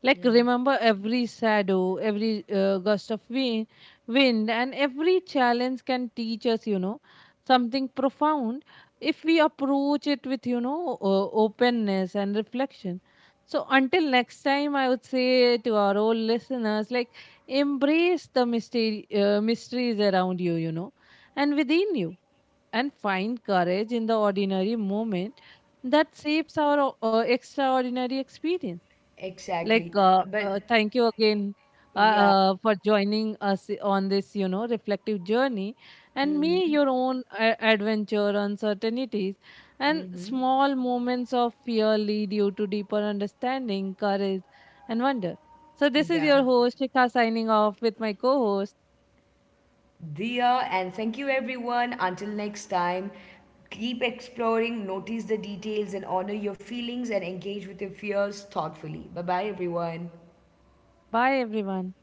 S1: Like,
S2: Yeah,
S1: remember every shadow, every uh, gust of wind, wind, and every challenge can teach us, you know, something profound if we approach it with, you know, uh, openness and reflection. So, until next time, I would say to our old listeners, like, embrace the mystery, uh, mysteries around you, you know, and within you, and find courage in the ordinary moment that shapes our o- uh, extraordinary experience. Like,
S2: exactly.
S1: uh,
S2: Uh, But
S1: uh, thank you again uh,
S2: yeah,
S1: uh, for joining us on this, you know, reflective journey, and may
S2: mm,
S1: your own uh, adventure, uncertainties, and small moments of fear lead you to deeper understanding, courage, and wonder. So, this is
S2: yeah.
S1: your host, Shikha, signing off with my co host.
S2: Diya, and thank you everyone. Until next time, keep exploring, notice the details, and honor your feelings and engage with your fears thoughtfully. Bye bye, everyone.
S1: Bye, everyone.